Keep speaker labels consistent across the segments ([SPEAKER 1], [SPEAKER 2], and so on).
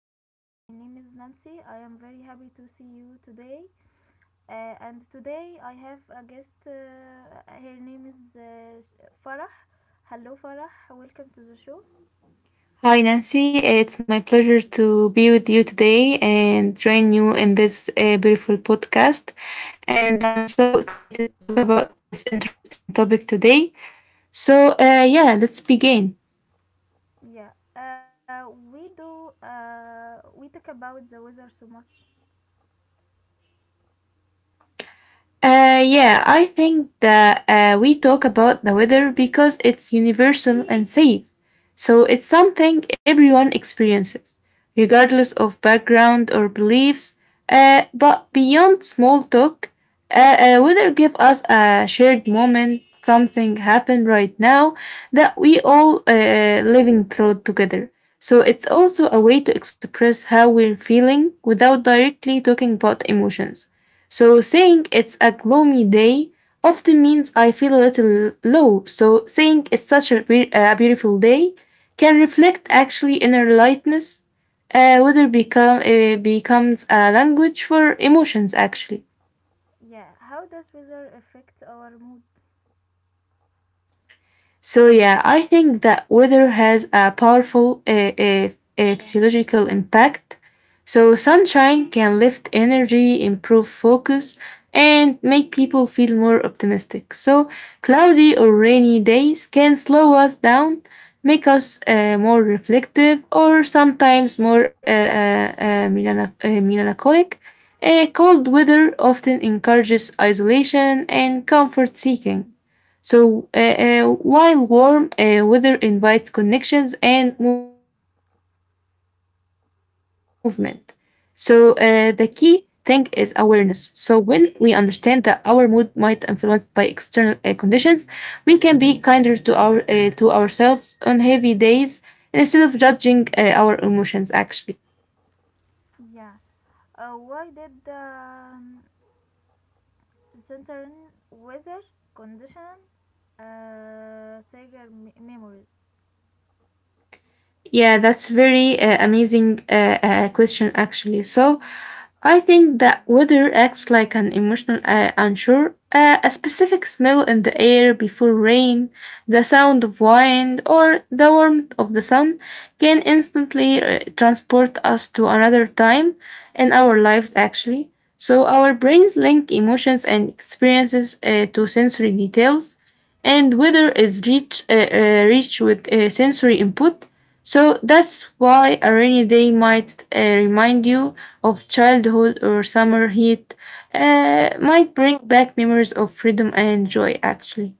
[SPEAKER 1] the show. My name is Nancy. I am very happy to see you today. And today I have a guest. Her name is uh, Farah. Hello, Farah. Welcome to the show.
[SPEAKER 2] Hi, Nancy. It's my pleasure to be with you today and join you in this beautiful podcast. And I'm so excited to talk about this interesting topic today. So let's begin.
[SPEAKER 1] Yeah, we do. We talk about the weather so much.
[SPEAKER 2] Yeah, I think that we talk about the weather because it's universal and safe. So it's something everyone experiences, regardless of background or beliefs. But beyond small talk, weather give us a shared moment, something happened right now that we all living through together. So it's also a way to express how we're feeling without directly talking about emotions. So saying it's a gloomy day often means I feel a little low. So saying it's such a beautiful day can reflect
[SPEAKER 1] Yeah,
[SPEAKER 2] actually inner lightness, whether becomes a language for emotions actually.
[SPEAKER 1] yeah. How does weather affect our mood?
[SPEAKER 2] So yeah, I think that weather has a powerful uh,
[SPEAKER 1] Yeah,
[SPEAKER 2] physiological impact. So sunshine can lift energy, improve focus, and make people feel more optimistic. So cloudy or rainy days can slow us down, make us more reflective, or sometimes more melancholic. Cold weather often encourages isolation and comfort seeking. So while warm weather invites connections and movement. So, the key thing is awareness. So, when we understand that our mood might influence by external conditions, we can be kinder to our to ourselves on heavy days instead of judging our emotions. Actually.
[SPEAKER 1] yeah. Why did the certain weather condition memories?
[SPEAKER 2] Yeah, that's very amazing question, actually. So, I think that weather acts like an emotional anchor. A specific smell in the air before rain, the sound of wind, or the warmth of the sun can instantly transport us to another time in our lives, actually. So, our brains link emotions and experiences to sensory details, and weather is rich with sensory input, so that's why a rainy day might remind you of childhood or summer heat, might bring back memories of freedom and joy, actually.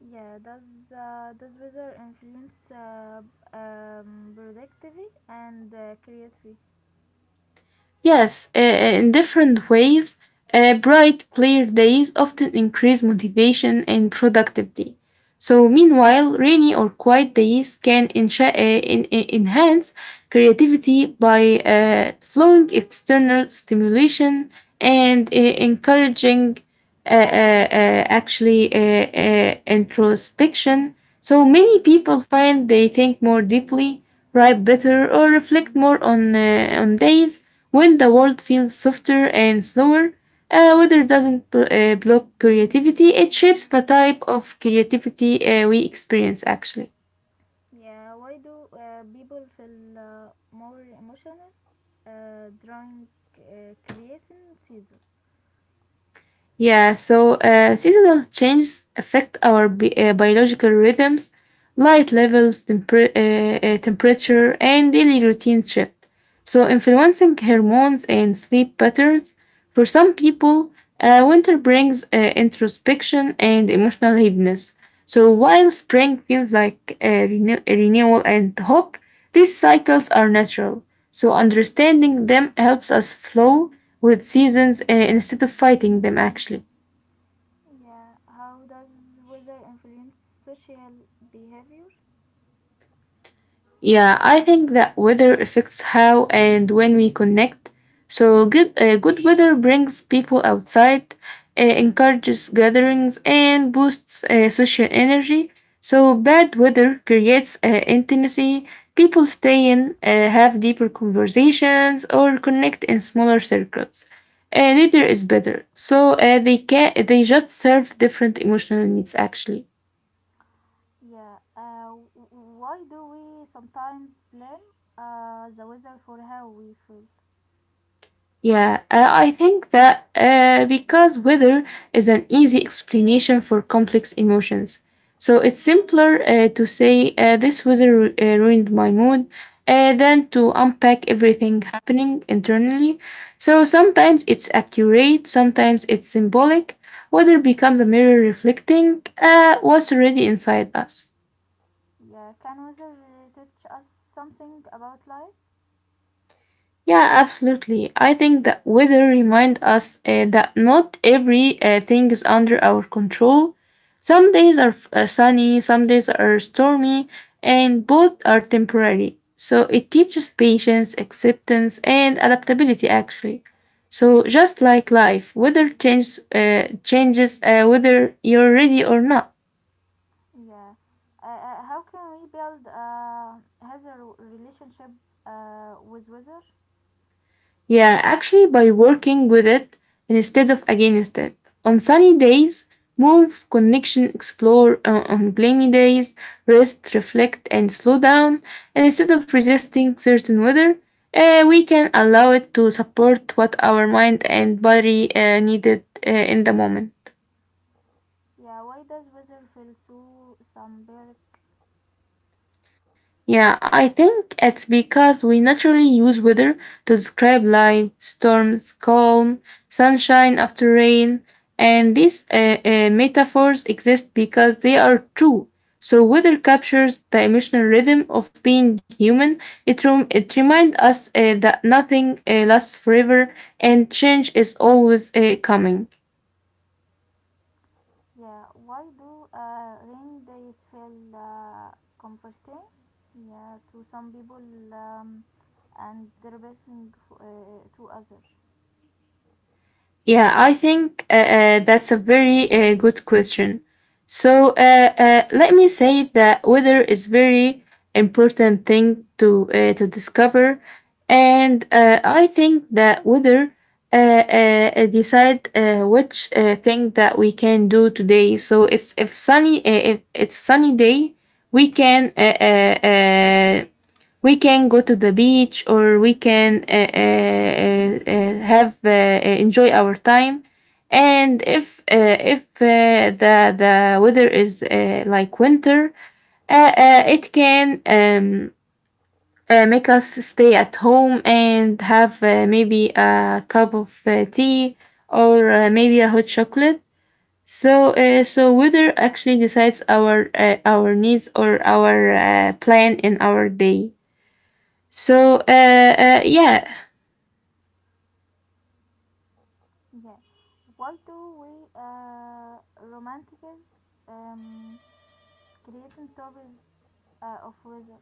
[SPEAKER 1] Yeah, does weather influence productivity and creativity?
[SPEAKER 2] Yes, in different ways, bright, clear days often increase motivation and productivity. So, meanwhile, rainy or quiet days can enhance creativity by slowing external stimulation and encouraging actually introspection. So many people find they think more deeply, write better, or reflect more on days when the world feels softer and slower. Weather doesn't block creativity; it shapes the type of creativity we experience. Actually.
[SPEAKER 1] Yeah, why do people feel more emotional during creating season?
[SPEAKER 2] Yeah, so seasonal changes affect our biological rhythms, light levels, temperature, and daily routine shift. So, influencing hormones and sleep patterns. For some people, winter brings introspection and emotional heaviness. So, while spring feels like renewal and hope, these cycles are natural. So understanding them helps us flow with seasons instead of fighting them, actually.
[SPEAKER 1] Yeah, how does weather influence social behavior?
[SPEAKER 2] Yeah, I think that weather affects how and when we connect. So good weather brings people outside, encourages gatherings, and boosts social energy. So bad weather creates intimacy. People stay in, have deeper conversations, or connect in smaller circles. Neither is better. So they just serve different emotional needs actually.
[SPEAKER 1] Yeah, why do we sometimes blame the weather for how we feel?
[SPEAKER 2] Yeah, I think that because weather is an easy explanation for complex emotions. So
[SPEAKER 1] Yeah,
[SPEAKER 2] it's simpler to say this weather ruined my mood than to unpack everything happening internally. So sometimes it's accurate, sometimes it's symbolic. Weather becomes a mirror reflecting what's already inside us.
[SPEAKER 1] yeah, can weather teach us something about life?
[SPEAKER 2] Yeah, absolutely. I think that weather remind us that not every thing is under our control. Some days are sunny, some days are stormy, and both are temporary. So it teaches patience, acceptance, and adaptability actually. So just like life, weather changes whether you're ready or not.
[SPEAKER 1] Yeah. How can we build healthy relationship with weather?
[SPEAKER 2] Yeah, actually, by working with it instead of against it. On sunny days, move, connection, explore. On gloomy days, rest, reflect, and slow down. And instead of resisting certain weather, we can allow it to support what our mind and body needed in the moment.
[SPEAKER 1] Yeah. Why does weather feel so symbolic?
[SPEAKER 2] Yeah, I think it's because we naturally use weather to describe life, storms, calm, sunshine after rain, and these metaphors exist because they are true. So weather captures the emotional rhythm of being human. It reminds us that nothing lasts forever and change is always coming.
[SPEAKER 1] Yeah. Why do rainy days feel comforting? Yeah, to some people, um, and depressing to others.
[SPEAKER 2] Yeah, I think that's a very good question. So let me say that weather is very important thing to discover, and I think that weather decide which thing that we can do today. So it's if it's sunny day, we can uh, uh, uh, we can go to the beach or we can have enjoy our time, and if the the weather is like winter, it can make us stay at home and have maybe a cup of tea or maybe a hot chocolate, so weather actually decides our needs or our plan in our day, so yeah.
[SPEAKER 1] Yeah. Why do we romanticize um, creating topics of weather?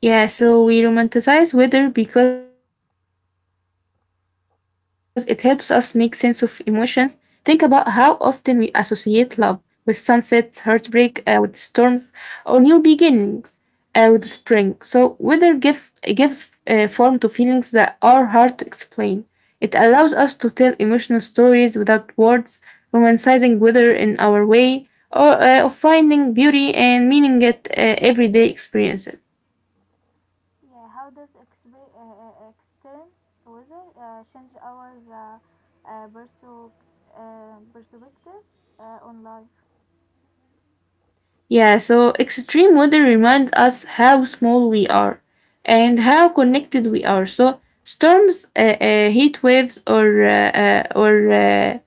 [SPEAKER 2] Yeah, so we romanticize weather because it helps us make sense of emotions. Think about how often we associate love with sunsets, heartbreak, with storms, or new beginnings with spring. So, weather gives form to feelings that are hard to explain. It allows us to tell emotional stories without words, romanticizing weather in our way, or of finding beauty and meaning at everyday experiences.
[SPEAKER 1] Yeah, how does extern weather change our uh, perso- perspective on life?
[SPEAKER 2] Yeah, so extreme weather reminds us how small we are and how connected we are. So storms, heat waves, or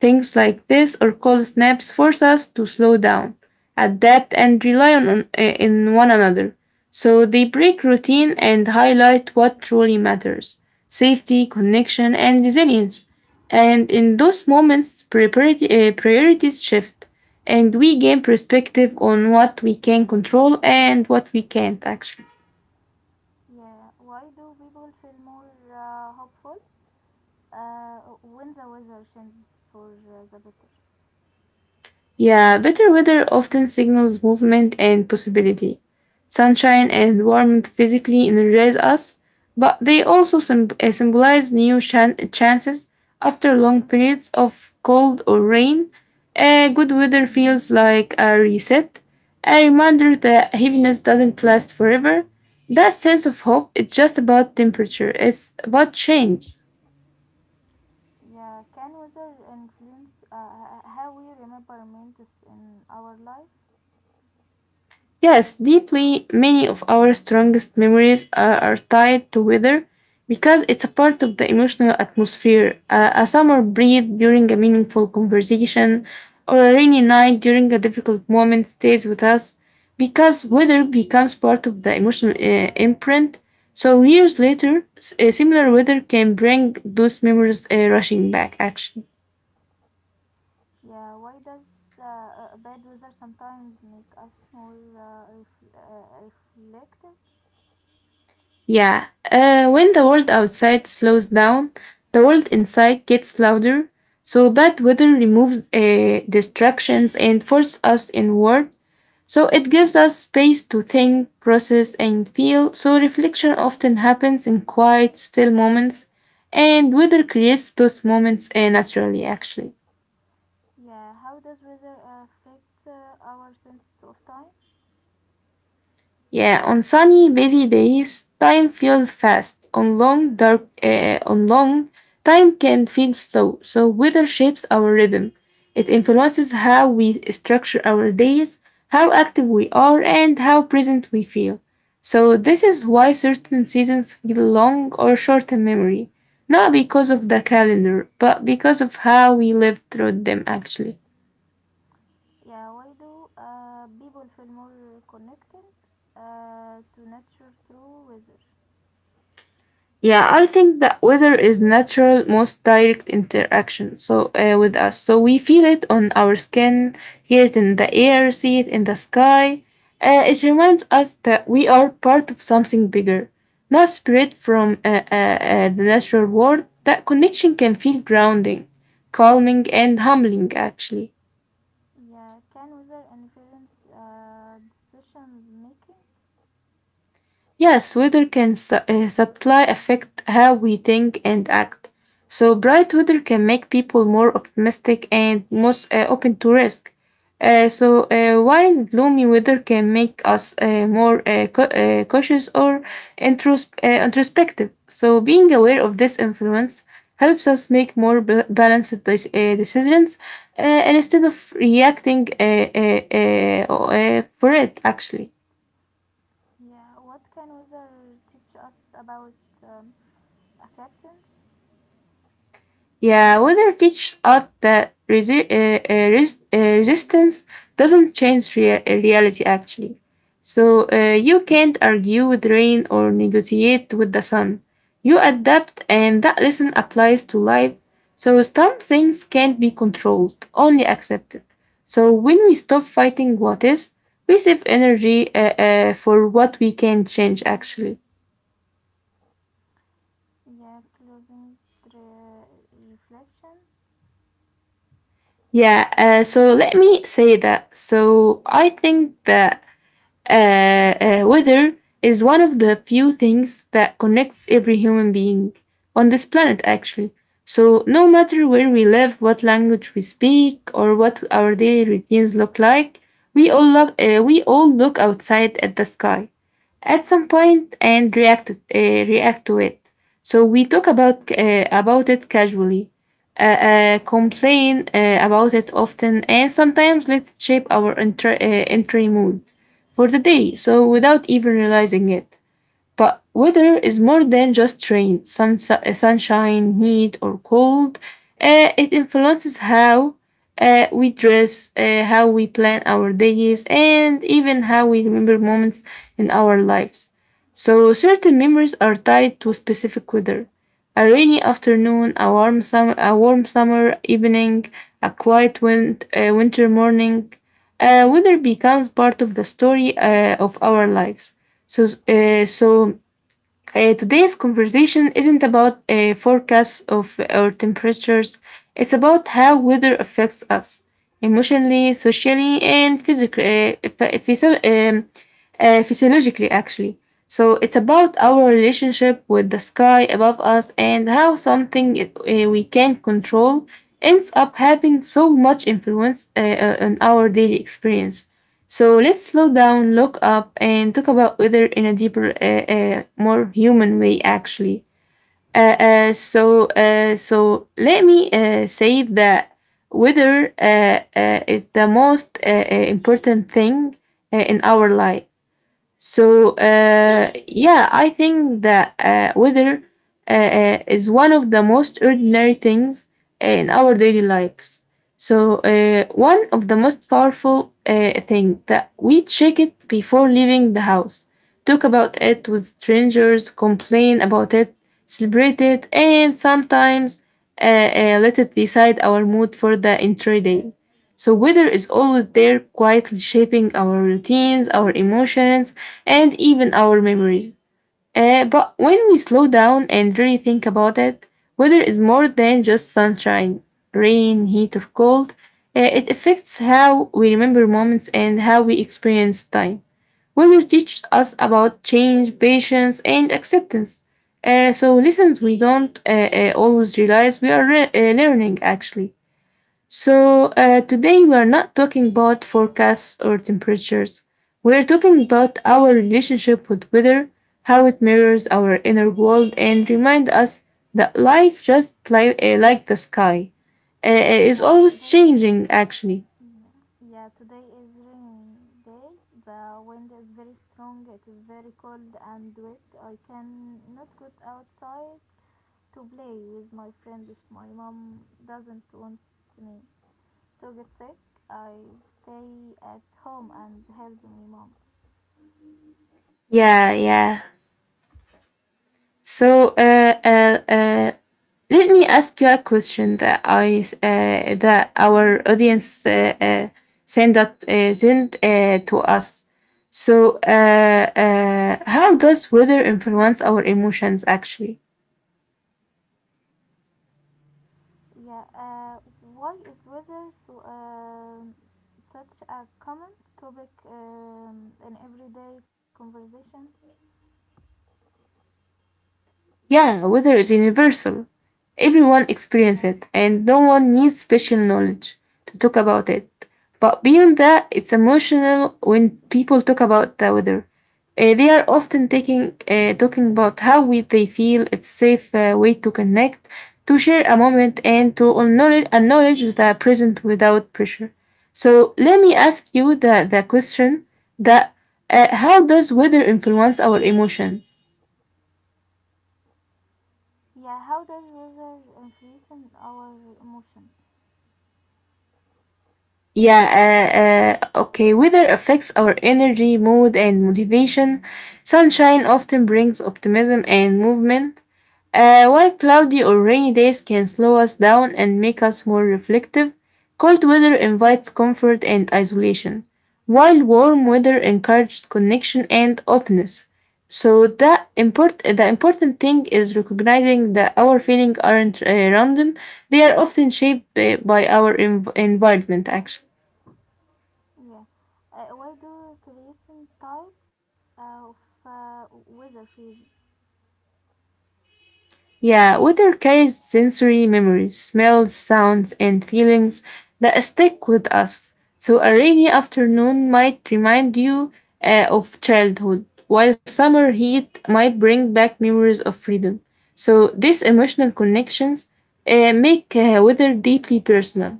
[SPEAKER 2] things like this, or cold snaps force us to slow down, adapt, and rely on in one another. So they break routine and highlight what truly matters: safety, connection, and resilience. And in those moments, priorities shift and we gain perspective on what we can control and what we can't actually.
[SPEAKER 1] Yeah, why do people feel more hopeful when the weather changes for the better?
[SPEAKER 2] Yeah, better weather often signals movement and possibility. Sunshine and warmth physically energize us, but they also symbolize new chances after long periods of cold or rain. Good weather feels like a reset, a reminder that heaviness doesn't last forever. That sense of hope is just about temperature, it's about change.
[SPEAKER 1] Yeah, can weather influence how we remember moments in our life?
[SPEAKER 2] Yes, deeply, many of our strongest memories are tied to weather because it's a part of the emotional atmosphere. A summer breeze during a meaningful conversation or a rainy night during a difficult moment stays with us because weather becomes part of the emotional imprint. So, years later, similar weather can bring those memories rushing back, actually.
[SPEAKER 1] Yeah, why does bad weather sometimes make us more reflective?
[SPEAKER 2] Yeah, when the world outside slows down, the world inside gets louder. So bad weather removes distractions and forces us inward. So it gives us space to think, process, and feel. So reflection often happens in quiet, still moments, and weather creates those moments naturally, actually.
[SPEAKER 1] Yeah, how does weather affect our sense of time?
[SPEAKER 2] Yeah, on sunny, busy days, time feels fast. On on long, time can feel slow. So weather shapes our rhythm. It influences how we structure our days, how active we are, and how present we feel. So this is why certain seasons feel long or short in memory, not because of the calendar, but because of how we live through them actually.
[SPEAKER 1] Yeah, why do people feel more connected to nature through weather?
[SPEAKER 2] Yeah, I think that weather is natural, most direct interaction with us. So we feel it on our skin, hear it in the air, see it in the sky. It reminds us that we are part of something bigger, not spread from the natural world. That connection can feel grounding, calming, and humbling, actually.
[SPEAKER 1] Yeah, can weather influence decision making?
[SPEAKER 2] Yes, weather can subtly affect how we think and act. So, bright weather can make people more optimistic and most open to risk. While gloomy weather can make us more cautious or introspective. So, being aware of this influence helps us make more balanced decisions instead of reacting for it, actually.
[SPEAKER 1] Yeah, what can weather teach us about um, acceptance?
[SPEAKER 2] Yeah, weather teaches us that resistance doesn't change reality actually. So
[SPEAKER 1] Yeah,
[SPEAKER 2] you can't argue with rain or negotiate with the sun. You adapt, and that lesson applies to life. So some things can't be controlled, only accepted. So when we stop fighting what is, we save energy for what we can change actually.
[SPEAKER 1] yeah, closing reflection.
[SPEAKER 2] Yeah, so let me say that. So I think that weather is one of the few things that connects every human being on this planet, actually. So, no matter where we live, what language we speak, or what our daily routines look like, we all look outside at the sky at some point and react to it. So, we talk about it casually, complain about it often, and sometimes let it shape our entry mood for the day. So without even realizing it, but weather is more than just rain, sunshine, heat, or cold. It influences how
[SPEAKER 1] Yeah,
[SPEAKER 2] we dress, how we plan our days, and even how we remember moments in our lives. So, certain memories are tied to specific weather. A rainy afternoon, a warm summer evening, a quiet winter morning. Weather becomes part of the story of our lives. So, today's conversation isn't about a forecast of our temperatures. It's about how weather affects us emotionally, socially, and physically, physiologically, actually. So it's about our relationship with the sky above us and how something we can not control ends up having so much influence on our daily experience. So let's slow down, look up, and talk about weather in a deeper, more human way, actually. So let me say that weather is the most important thing in our life. So yeah, I think that weather is one of the most ordinary things in our daily lives. So one of the most powerful thing that we check it before leaving the house, talk about it with strangers, complain about it, celebrate it, and sometimes let it decide our mood for the entire day. So, weather is always there, quietly shaping our routines, our emotions, and even our memories. But when we slow down and really think about it, weather is more than just sunshine, rain, heat, or cold. It affects how we remember moments and how we experience time. Weather teaches us about change, patience, and acceptance. So, lessons we don't always realize we are learning actually. So, today we are not talking about forecasts or temperatures. We are talking about our relationship with weather, how it mirrors
[SPEAKER 1] yeah,
[SPEAKER 2] our inner world, and remind us that life, just like the sky, is
[SPEAKER 1] yeah.
[SPEAKER 2] always changing, actually.
[SPEAKER 1] Yeah, yeah, today is rainy day. The wind is very strong. It is very cold and wet. I cannot go outside to play with my friends. My mom doesn't want me to get sick. I stay at home and help my mom.
[SPEAKER 2] Yeah, yeah. So let me ask you a question that that our audience send to us. So how does weather influence our emotions actually?
[SPEAKER 1] Yeah, why is weather so such a common topic in everyday conversation?
[SPEAKER 2] Yeah, weather is universal. Everyone experiences
[SPEAKER 1] Yeah.
[SPEAKER 2] it, and no one needs special knowledge to talk about it. But beyond that, it's emotional when people talk about the weather. They are often talking about how we, they feel. It's safe way to connect, to share a moment, and to acknowledge the present without pressure. So let me ask you the question that how does weather influence our emotion?
[SPEAKER 1] Yeah, how does weather influence on our emotions?
[SPEAKER 2] Yeah, okay. Weather affects our energy, mood, and motivation. Sunshine often brings optimism and movement, while cloudy or rainy days can slow us down and make us more reflective. Cold weather invites comfort and isolation, while warm weather encourages connection and openness. So that the important thing is recognizing that our feelings aren't random; they are often shaped by our environment, actually.
[SPEAKER 1] Yeah, why do creating types of weather feel?
[SPEAKER 2] Yeah, water carries sensory memories, smells, sounds, and feelings that stick with us. So, a rainy afternoon might remind you of childhood, while summer heat might bring back memories of freedom. So, these emotional connections make weather deeply personal.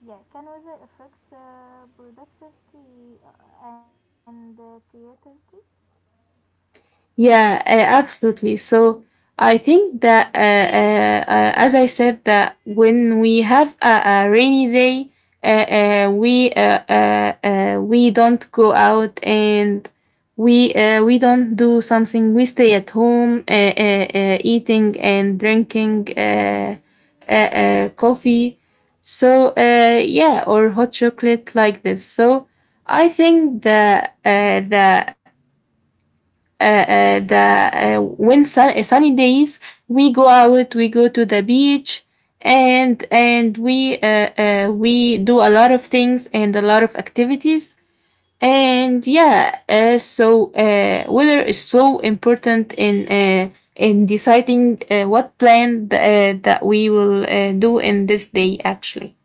[SPEAKER 1] Yeah, can weather affect productivity and creativity?
[SPEAKER 2] Yeah, absolutely. So I think that, as I said, that when we have a rainy day, we don't go out and we don't do something. We stay at home, eating and drinking coffee. So yeah, or hot chocolate like this. So I think that that the when sun, sunny days we go out we go to the beach and we do a lot of things and a lot of activities and yeah so weather is so important in deciding what plan that we will do in this day actually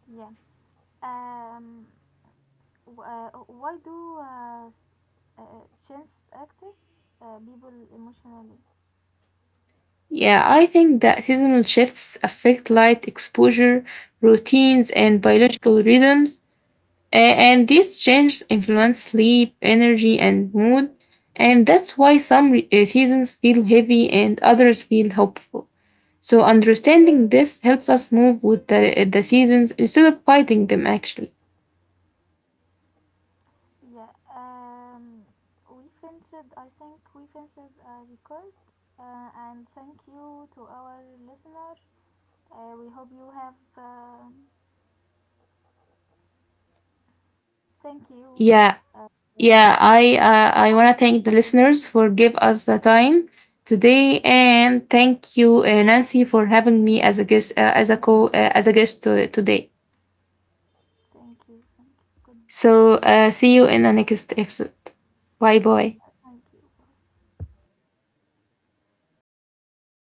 [SPEAKER 1] Yeah. Um. w- Uh, why do change affect people emotionally?
[SPEAKER 2] yeah I think that seasonal shifts affect light exposure routines and biological rhythms and these changes influence sleep, energy, and mood. And that's why some seasons feel heavy and others feel hopeful. So, understanding this helps us move with the seasons instead of fighting them, actually.
[SPEAKER 1] Yeah, um, we finished, I think we finished a record and thank you to our listener. We hope you have, thank you,
[SPEAKER 2] Yeah,
[SPEAKER 1] uh, Sarah.
[SPEAKER 2] yeah, I want to thank the listeners for give us the time today and thank you Nancy for having me as a guest as a guest to, today.
[SPEAKER 1] Thank you, thank you. Goodbye.
[SPEAKER 2] So see you in the next episode. Bye
[SPEAKER 1] Yeah,
[SPEAKER 2] bye.
[SPEAKER 1] thank you.